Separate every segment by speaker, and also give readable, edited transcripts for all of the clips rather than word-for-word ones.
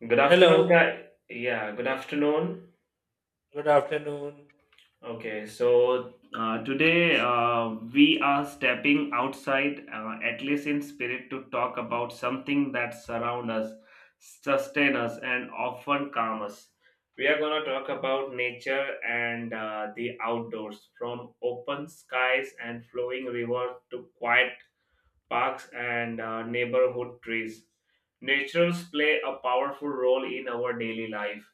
Speaker 1: Good
Speaker 2: Hello,
Speaker 1: afternoon, guy. Yeah, good afternoon.
Speaker 2: good afternoon.
Speaker 1: Okay, so today we are stepping outside, at least in spirit, to talk about something that surrounds us, sustain us, and often calm us. We are going to talk about nature and the outdoors, from open skies and flowing rivers to quiet parks and neighborhood trees. Naturals play a powerful role in our daily life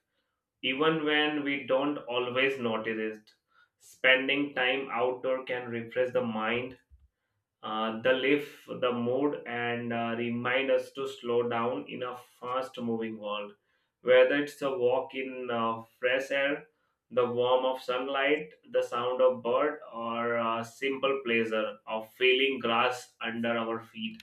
Speaker 1: even when we don't always notice it. Spending time outdoor can refresh the mind, the lift, the mood, and remind us to slow down in a fast-moving world. Whether it's a walk in fresh air, the warmth of sunlight, the sound of bird, or a simple pleasure of feeling grass under our feet.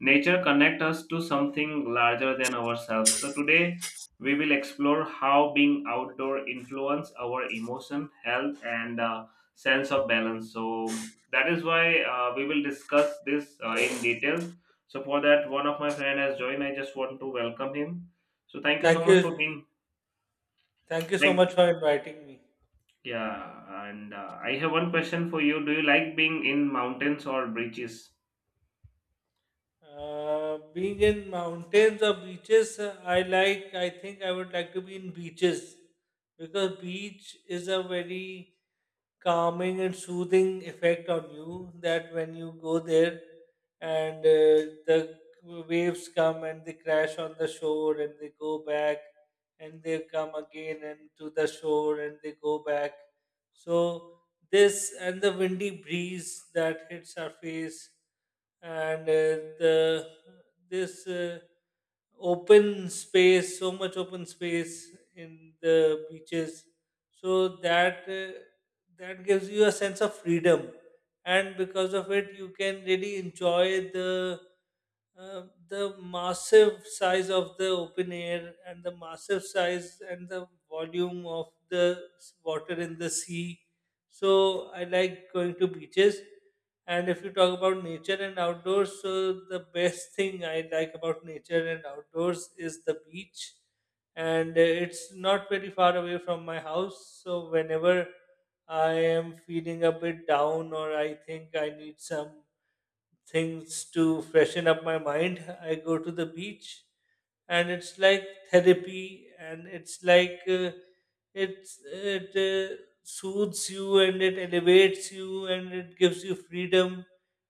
Speaker 1: Nature connects us to something larger than ourselves. So today we will explore how being outdoor influence our emotion, health, and sense of balance. So that is why we will discuss this in detail. So for that, one of my friend has joined. I just want to welcome him. So thank you so
Speaker 2: Thank
Speaker 1: much
Speaker 2: you,
Speaker 1: for being.
Speaker 2: thank you so much
Speaker 1: Thank,
Speaker 2: for inviting me.
Speaker 1: yeah. And I have one question for you. Do you like being in mountains or beaches?
Speaker 2: Being in mountains or beaches, I like. I think I would like to be in beaches because beach is a very calming and soothing effect on you that when you go there and the waves come and they crash on the shore and they go back and they come again and to the shore and they go back, so this and the windy breeze that hits our face and the this open space, so much open space in the beaches. So that gives you a sense of freedom, and because of it, you can really enjoy the massive size of the open air and the massive size and the volume of the water in the sea. So I like going to beaches, and if you talk about nature and outdoors, so the best thing I like about nature and outdoors is the beach. And it's not very far away from my house. So whenever I am feeling a bit down or I think I need some things to freshen up my mind, I go to the beach. And it's like therapy and it's like. It soothes you and it elevates you and it gives you freedom,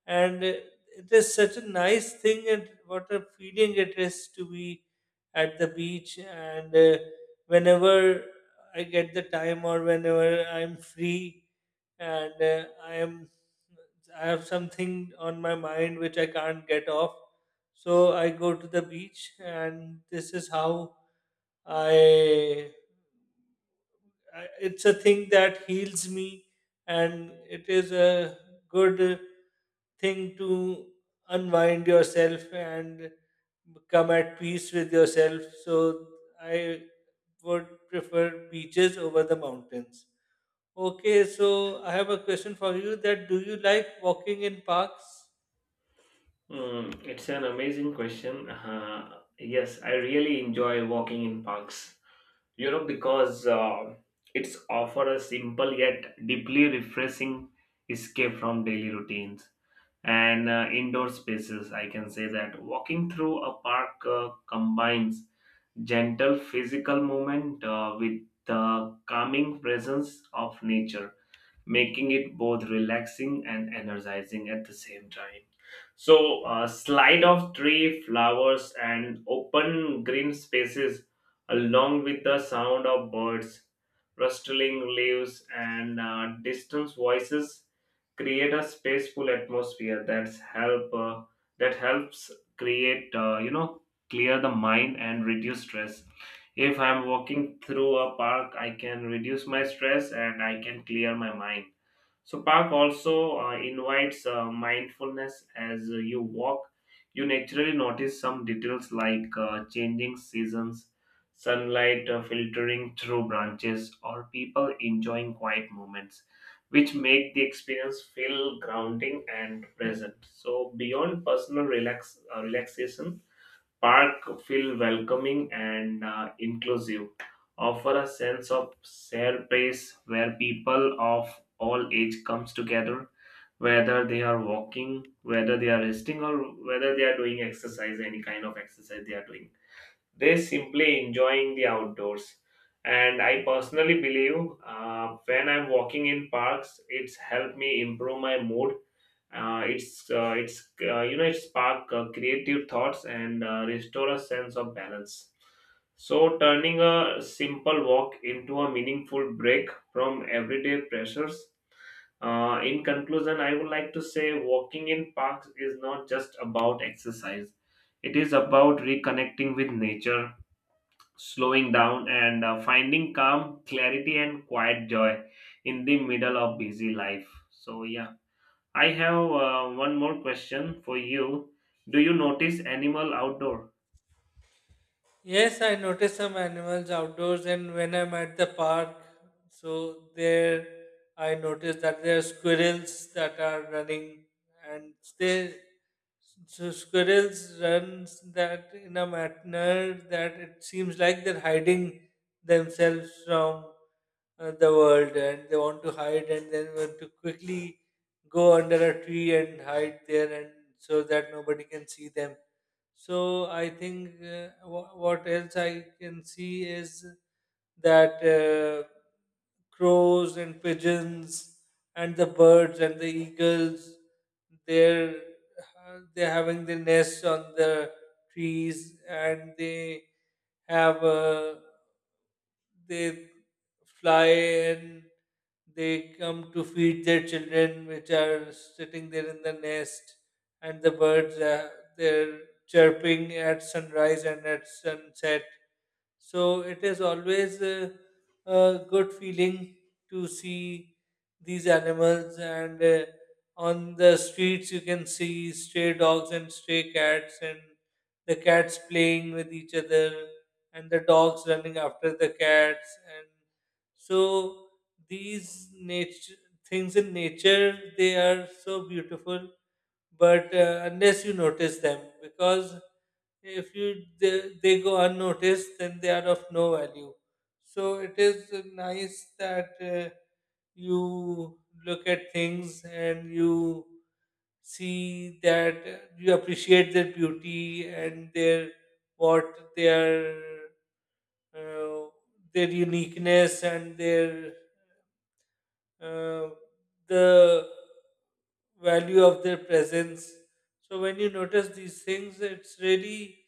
Speaker 2: and it is such a nice thing, and what a feeling it is to be at the beach. And whenever I get the time or whenever I'm free and I have something on my mind which I can't get off, so I go to the beach. And this is how i it's a thing that heals me, and it is a good thing to unwind yourself and come at peace with yourself. So I would prefer beaches over the mountains. Okay, so I have a question for you: that do you like walking in parks?
Speaker 1: Mm, it's an amazing question. Yes, I really enjoy walking in parks. You know, because it's offer a simple yet deeply refreshing escape from daily routines and indoor spaces. I can say that walking through a park combines gentle physical movement with the calming presence of nature, making it both relaxing and energizing at the same time. So, slide of tree, flowers, and open green spaces, along with the sound of birds, rustling leaves, and distant voices, create a spaceful atmosphere that helps create, you know, clear the mind and reduce stress. If I'm walking through a park, I can reduce my stress and I can clear my mind. So, park also invites mindfulness as you walk. You naturally notice some details like changing seasons, sunlight filtering through branches, or people enjoying quiet moments, which make the experience feel grounding and present. So, beyond personal relaxation, park feel welcoming and inclusive, offer a sense of shared space where people of all age comes together, whether they are walking, whether they are resting, or whether they are doing exercise, any kind of exercise they are doing. They simply enjoying the outdoors. And I personally believe when I'm walking in parks, it's helped me improve my mood. It's You know, it spark creative thoughts and restore a sense of balance. So turning a simple walk into a meaningful break from everyday pressures. In conclusion, I would like to say walking in parks is not just about exercise. It is about reconnecting with nature, slowing down, and finding calm, clarity, and quiet joy in the middle of busy life. So yeah. I have one more question for you. Do you notice animal outdoor?
Speaker 2: Yes, I noticed some animals outdoors, and when I'm at the park, so there I noticed that there are squirrels that are running, and they so squirrels runs that in a manner that it seems like they're hiding themselves from the world, and they want to hide, and then want to quickly go under a tree and hide there, and so that nobody can see them. So I think what else I can see is that crows and pigeons and the birds and the eagles, they're they're having their nests on the trees, and they have a they fly and they come to feed their children which are sitting there in the nest. And the birds they're chirping at sunrise and at sunset, so it is always a good feeling to see these animals. And on the streets you can see stray dogs and stray cats, and the cats playing with each other, and the dogs running after the cats, and so these nature things in nature, they are so beautiful, but unless you notice them, because if you they go unnoticed, then they are of no value. So it is nice that you look at things and you see that you appreciate their beauty and what their uh, their uniqueness and uh, the value of their presence. So when you notice these things, it's really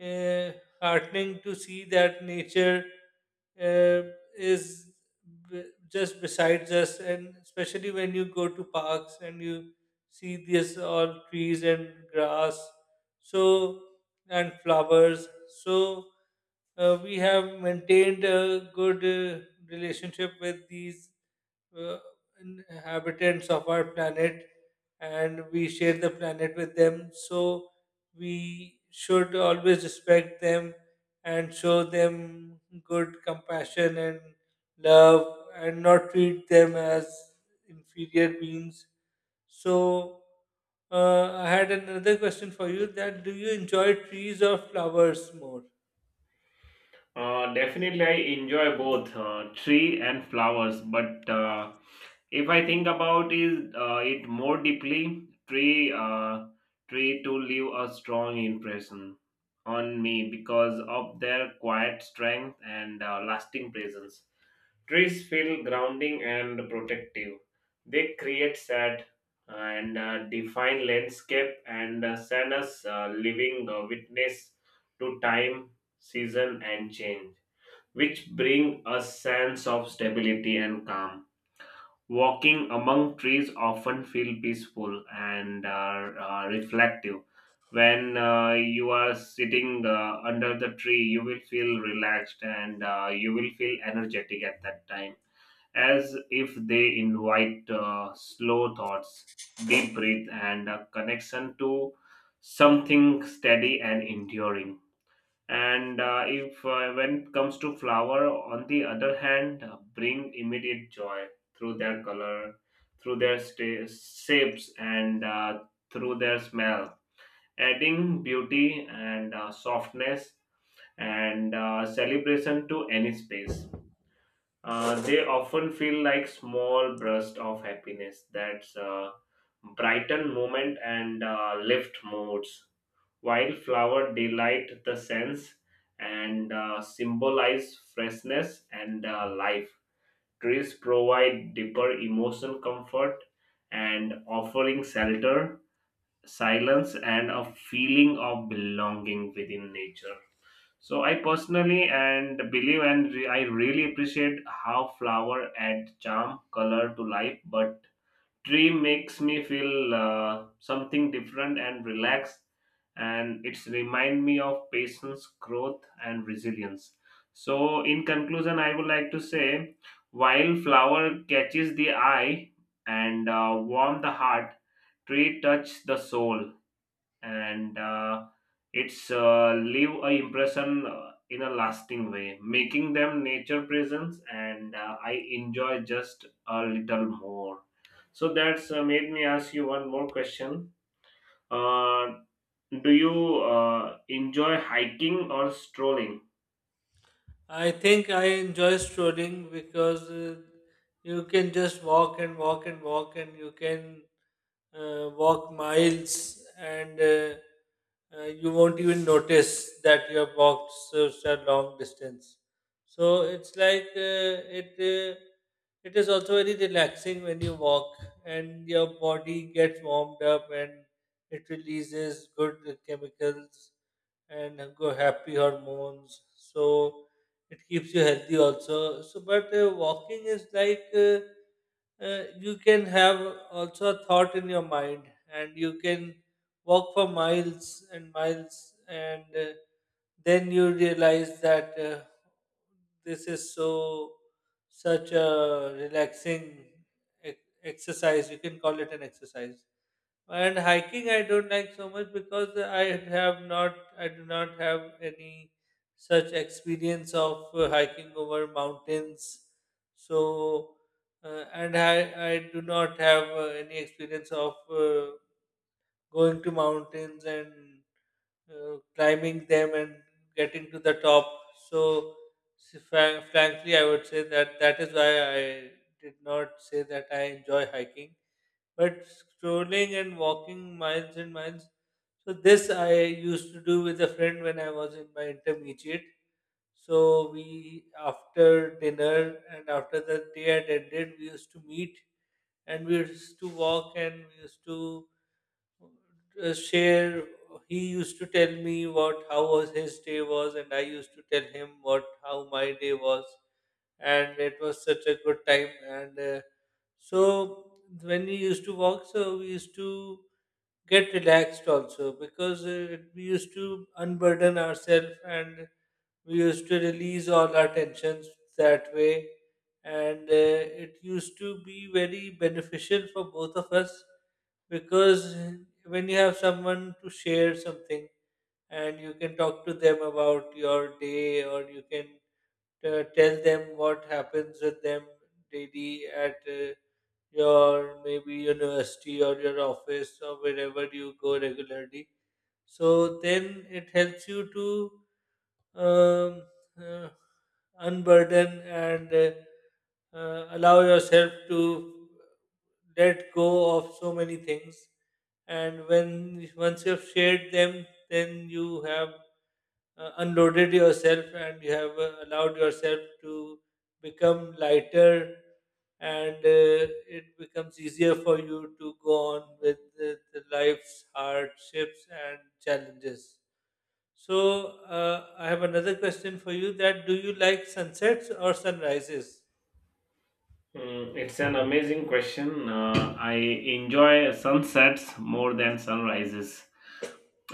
Speaker 2: uh, heartening to see that nature uh, is b- just besides us, and especially when you go to parks and you see this all trees and grass, so and flowers. So we have maintained a good relationship with these uh, inhabitants of our planet, and we share the planet with them. So we should always respect them and show them good compassion and love and not treat them as inferior beings. So I had another question for you: that do you enjoy trees or flowers more?
Speaker 1: Definitely, I enjoy both tree and flowers. But if I think about is it more deeply, tree to leave a strong impression on me because of their quiet strength and lasting presence. Trees feel grounding and protective. They create sad and define landscape and send us living witness to time, season, and change, which bring a sense of stability and calm. Walking among trees often feel peaceful and reflective. When you are sitting under the tree, you will feel relaxed and you will feel energetic at that time, as if they invite slow thoughts, deep breath, and a connection to something steady and enduring. And if when it comes to flower, on the other hand, bring immediate joy through their color, through their shapes, and through their smell, adding beauty and softness and celebration to any space. They often feel like small bursts of happiness that's brighten moment and lift moods. While flower delight the sense and symbolize freshness and life, trees provide deeper emotion comfort and offering shelter, silence, and a feeling of belonging within nature. So I personally and believe and I really appreciate how flower add charm color to life, but tree makes me feel something different and relaxed, and it's remind me of patience, growth, and resilience. So in conclusion, I would like to say while flower catches the eye and warm the heart, tree touch the soul and it's leave a impression in a lasting way, making them nature presence, and I enjoy just a little more. So that's made me ask you one more question. uh, do you enjoy hiking or strolling?
Speaker 2: I think I enjoy strolling because you can just walk and walk and walk, and you can walk miles, and you won't even notice that you have walked such a long distance. So it's like it is also very relaxing when you walk and your body gets warmed up and it releases good chemicals and go happy hormones. So it keeps you healthy also. So but walking is like you can have also a thought in your mind, and you can walk for miles and miles, and then you realize that this is so such a relaxing e- exercise, you can call it an exercise. And hiking I don't like so much because I have not I do not have any such experience of hiking over mountains. So and I do not have any experience of going to mountains and climbing them and getting to the top. So frankly, I would say that that is why I did not say that I enjoy hiking, but strolling and walking miles and miles. So this I used to do with a friend when I was in my intermediate. So we after dinner and after the day had ended, we used to meet and we used to walk and we used to share. He used to tell me what how was his day was, and I used to tell him what how my day was, and it was such a good time and. So when we used to walk, so we used to get relaxed also because we used to unburden ourselves and we used to release all our tensions that way, and it used to be very beneficial for both of us because when you have someone to share something and you can talk to them about your day, or you can tell them what happens with them daily at your maybe university or your office or wherever you go regularly, so then it helps you to um, uh, unburden and allow yourself to let go of so many things. And when once you've shared them, then you have unloaded yourself and you have allowed yourself to become lighter, and it becomes easier for you to go on with the life's hardships and challenges. So I have another question for you: that do you like sunsets or sunrises?
Speaker 1: Mm, it's an amazing question. I enjoy sunsets more than sunrises.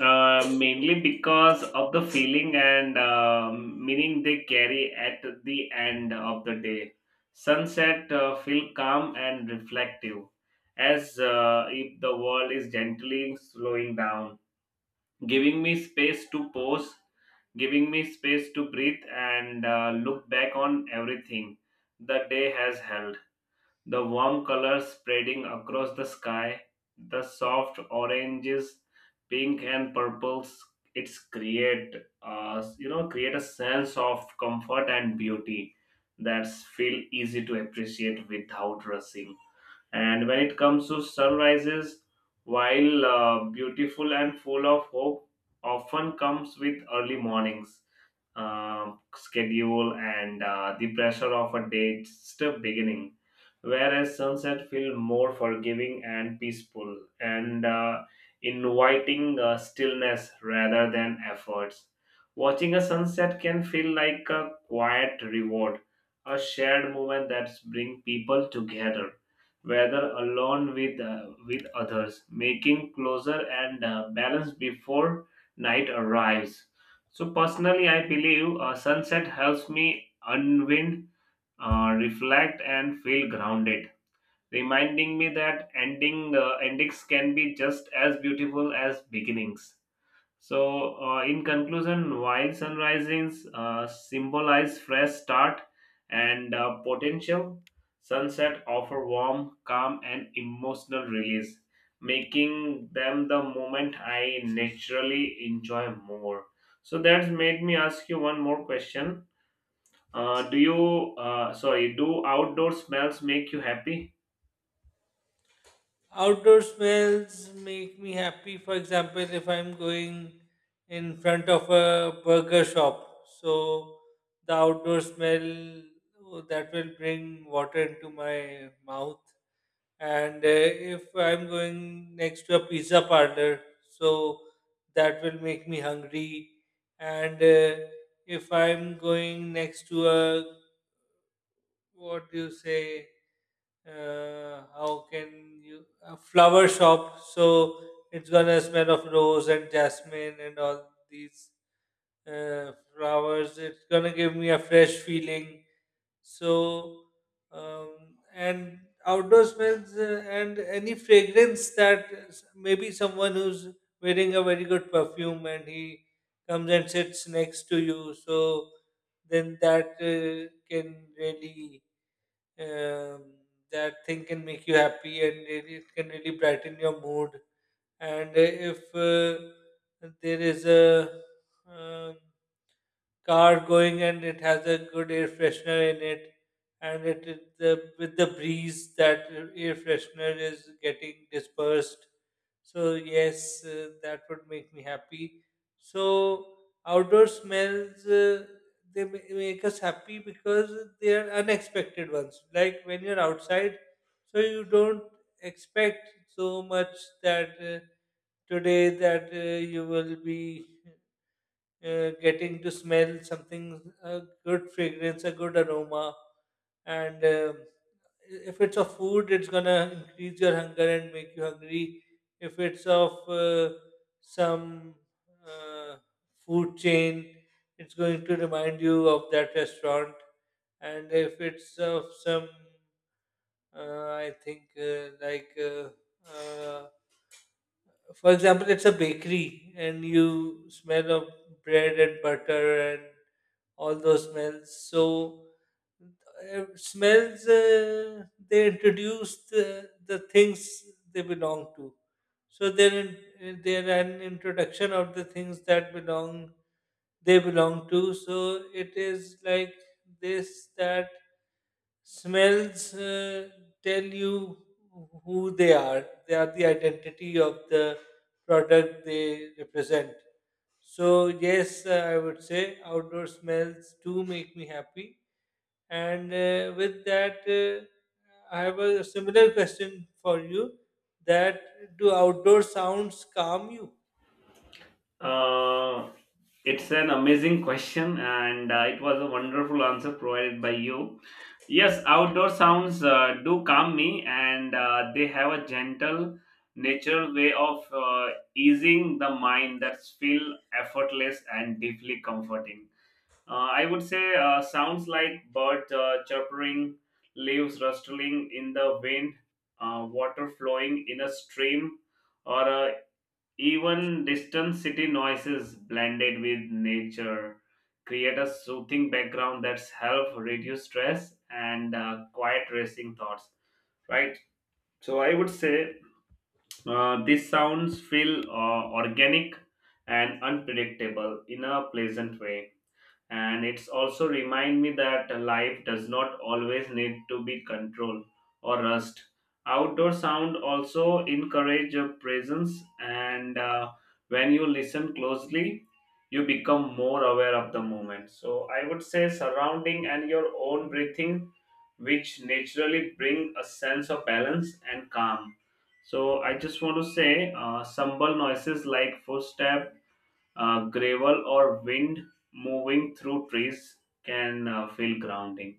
Speaker 1: Mainly because of the feeling and meaning they carry at the end of the day. Sunset feel calm and reflective, as if the world is gently slowing down, giving me space to pause, giving me space to breathe and look back on everything the day has held. The warm colors spreading across the sky, the soft oranges, pink and purples, it's create, you know, create a sense of comfort and beauty that's feel easy to appreciate without rushing. And when it comes to sunrises, while beautiful and full of hope, often comes with early mornings schedule and the pressure of a date step beginning, whereas sunset feel more forgiving and peaceful and inviting stillness rather than efforts. Watching a sunset can feel like a quiet reward, a shared moment that bring people together, whether alone with others, making closer and balance before night arrives. So personally, I believe sunset helps me unwind, reflect, and feel grounded, reminding me that endings can be just as beautiful as beginnings. So, in conclusion, while sunrises symbolize fresh start and potential, sunset offer warm, calm, and emotional release, making them the moment I naturally enjoy more. So that's made me ask you one more question. Sorry, do outdoor smells make you happy?
Speaker 2: Outdoor smells make me happy. For example, if I'm going in front of a burger shop, so the outdoor smell oh, that will bring water into my mouth. And if I'm going next to a pizza parlor, so that will make me hungry. And if I'm going next to a what do you say how can you a flower shop, so it's gonna smell of rose and jasmine and all these uh, flowers. It's gonna give me a fresh feeling. So and outdoor smells and any fragrance that maybe someone who's wearing a very good perfume and he comes and sits next to you, so then that can really um, that thing can make you happy, and really, it can really brighten your mood. And if there is a um, car going and it has a good air freshener in it, and it it- the with the breeze that air freshener is getting dispersed, so yes, that would make me happy. So outdoor smells make us happy because they are unexpected ones, like when you're outside, so you don't expect so much that today that you will be getting to smell something, a good fragrance, a good aroma. And if it's of food, it's gonna increase your hunger and make you hungry. If it's of some uh, food chain, it's going to remind you of that restaurant. And if it's of some, uh, I think, uh, like, uh, uh, for example, it's a bakery and you smell of bread and butter and all those smells. So smells they introduce the things they belong to. So they're an introduction of the things that belong they belong to. So it is like this that smells tell you who they are. They are the identity of the product they represent. So yes, I would say outdoor smells do make me happy. And with that, I have a similar question for you: that do outdoor sounds calm you?
Speaker 1: Uh, it's an amazing question, and it was a wonderful answer provided by you. Yes, outdoor sounds do calm me, and they have a gentle, natural way of easing the mind that's feel effortless and deeply comforting. I would say sounds like bird chirping, leaves rustling in the wind, water flowing in a stream, or even distant city noises blended with nature create a soothing background that's help reduce stress and quiet racing thoughts. Right. So I would say these sounds feel organic and unpredictable in a pleasant way, and it's also remind me that life does not always need to be controlled or rushed. Outdoor sound also encourage your presence and when you listen closely you become more aware of the moment, so I would say surrounding and your own breathing, which naturally bring a sense of balance and calm. So I just want to say simple noises like footstep, gravel or wind moving through trees can feel grounding,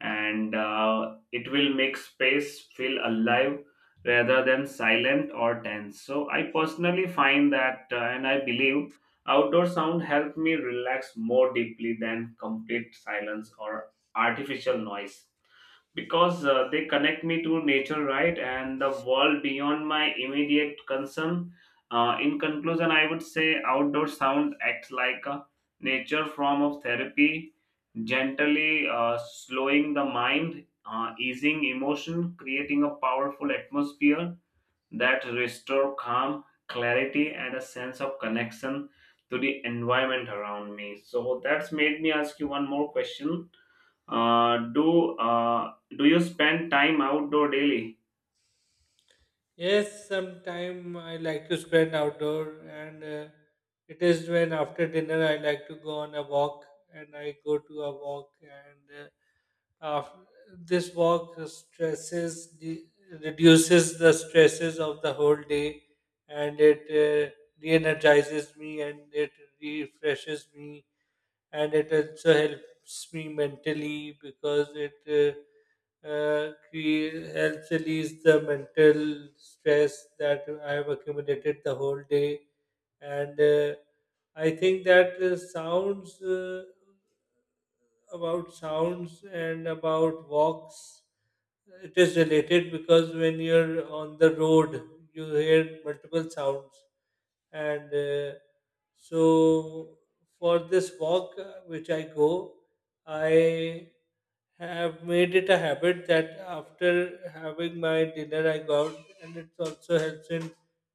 Speaker 1: and it will make space feel alive rather than silent or tense. So, I personally find that and I believe outdoor sound helped me relax more deeply than complete silence or artificial noise because they connect me to nature, right, and the world beyond my immediate concern. In conclusion, I would say outdoor sound acts like a nature form of therapy, gently slowing the mind, easing emotion, creating a powerful atmosphere that restore calm, clarity, and a sense of connection to the environment around me. So that's made me ask you one more question. uh, do uh, do you spend time outdoor daily?
Speaker 2: Yes, sometime I like to spend outdoor, and it is when after dinner I like to go on a walk, and I go to a walk, and after this walk stresses the, reduces the stresses of the whole day, and it re-energizes me and it refreshes me, and it also helps me mentally because it helps release the mental stress that I have accumulated the whole day. And I think that sounds. About sounds and about walks. It is related because when you're on the road, you hear multiple sounds. And so, for this walk which I go, I have made it a habit that after having my dinner, I go out, and it also helps in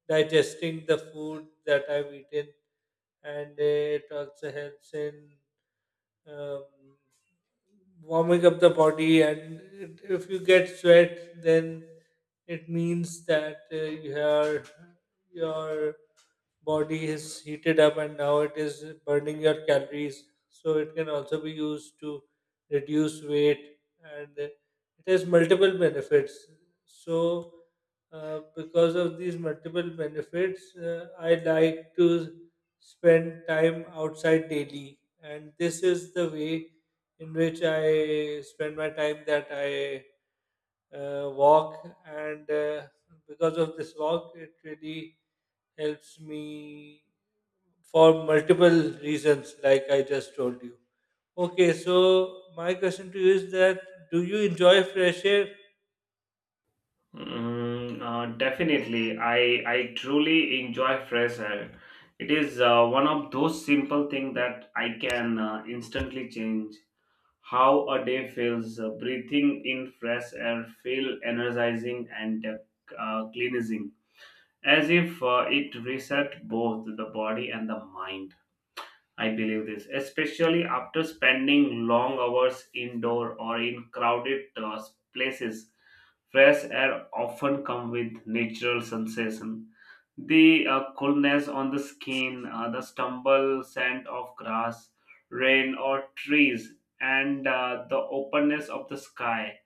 Speaker 2: digesting the food that I've eaten, and it also helps in um, warming up the body, and it, if you get sweat, then it means that your your body is heated up and now it is burning your calories. So it can also be used to reduce weight, and it has multiple benefits. So, because of these multiple benefits, I like to spend time outside daily, and this is the way in which I spend my time, that I walk, and because of this walk, it really helps me for multiple reasons, like I just told you. Okay, so my question to you is that do you enjoy fresh air?
Speaker 1: Mm, definitely, I truly enjoy fresh air. It is one of those simple things that I can instantly change how a day feels. Breathing in fresh air feel energizing and cleansing, as if it reset both the body and the mind. I believe this, especially after spending long hours indoor or in crowded places. Fresh air often comes with natural sensation. The coolness on the skin, the stumble scent of grass, rain or trees, and the openness of the sky,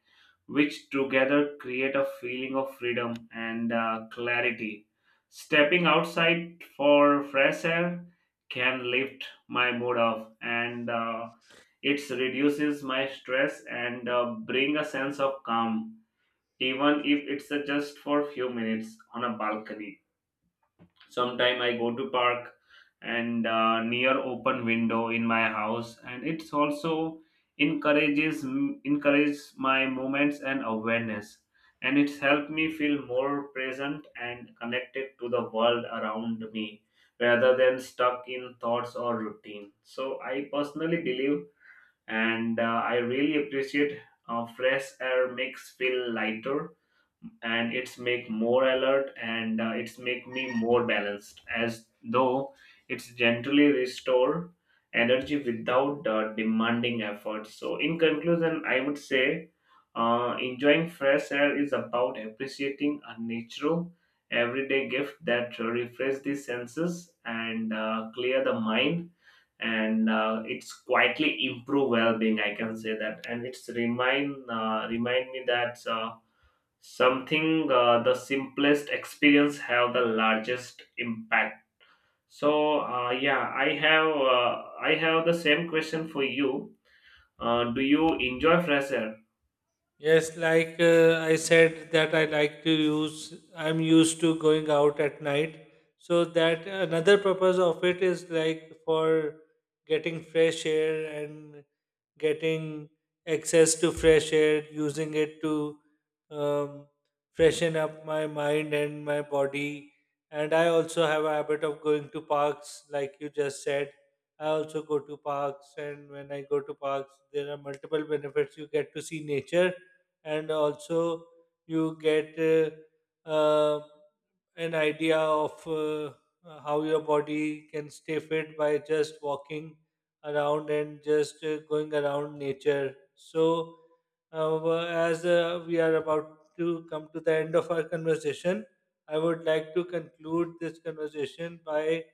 Speaker 1: which together create a feeling of freedom and clarity. Stepping outside for fresh air can lift my mood off and it reduces my stress and bring a sense of calm, even if it's just for few minutes on a balcony. Sometime I go to park and near open window in my house, and it's also encourages encourages my movements and awareness, and it's helped me feel more present and connected to the world around me rather than stuck in thoughts or routine. So I personally believe and I really appreciate fresh air makes feel lighter, and it's make more alert, and it's make me more balanced, as though it's gently restore energy without demanding effort. So in conclusion, I would say enjoying fresh air is about appreciating a natural everyday gift that refresh the senses and clear the mind, and it's quietly improve well-being, I can say that, and it's remind me that something the simplest experience have the largest impact. So yeah, I have the same question for you. Do you enjoy fresher?
Speaker 2: Yes, like I said that I like to use I'm used to going out at night. So that another purpose of it is like for getting fresh air and getting access to fresh air, using it to um, freshen up my mind and my body. And I also have a habit of going to parks, like you just said. I also go to parks, and when I go to parks, there are multiple benefits. You get to see nature, and also you get uh, an idea of how your body can stay fit by just walking around and just going around nature. So, as we are about to come to the end of our conversation, I would like to conclude this conversation by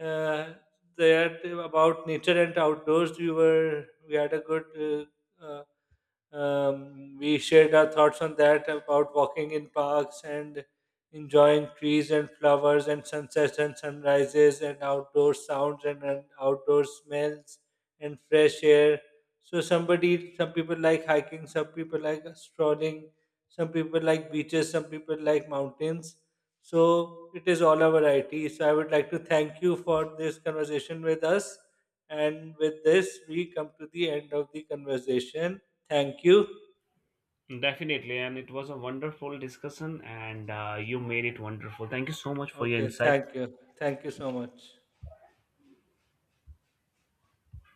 Speaker 2: uh, that about nature and outdoors. We were we had a good uh, uh, we shared our thoughts on that about walking in parks and enjoying trees and flowers and sunsets and sunrises and outdoor sounds and outdoor smells and fresh air. So somebody, some people like hiking, some people like strolling, some people like beaches, some people like mountains. So it is all a variety. So I would like to thank you for this conversation with us. And with this, we come to the end of the conversation. Thank you.
Speaker 1: Definitely, and it was a wonderful discussion, and you made it wonderful. Thank you so much for your
Speaker 2: Okay,
Speaker 1: insight.
Speaker 2: thank you. Thank you so much.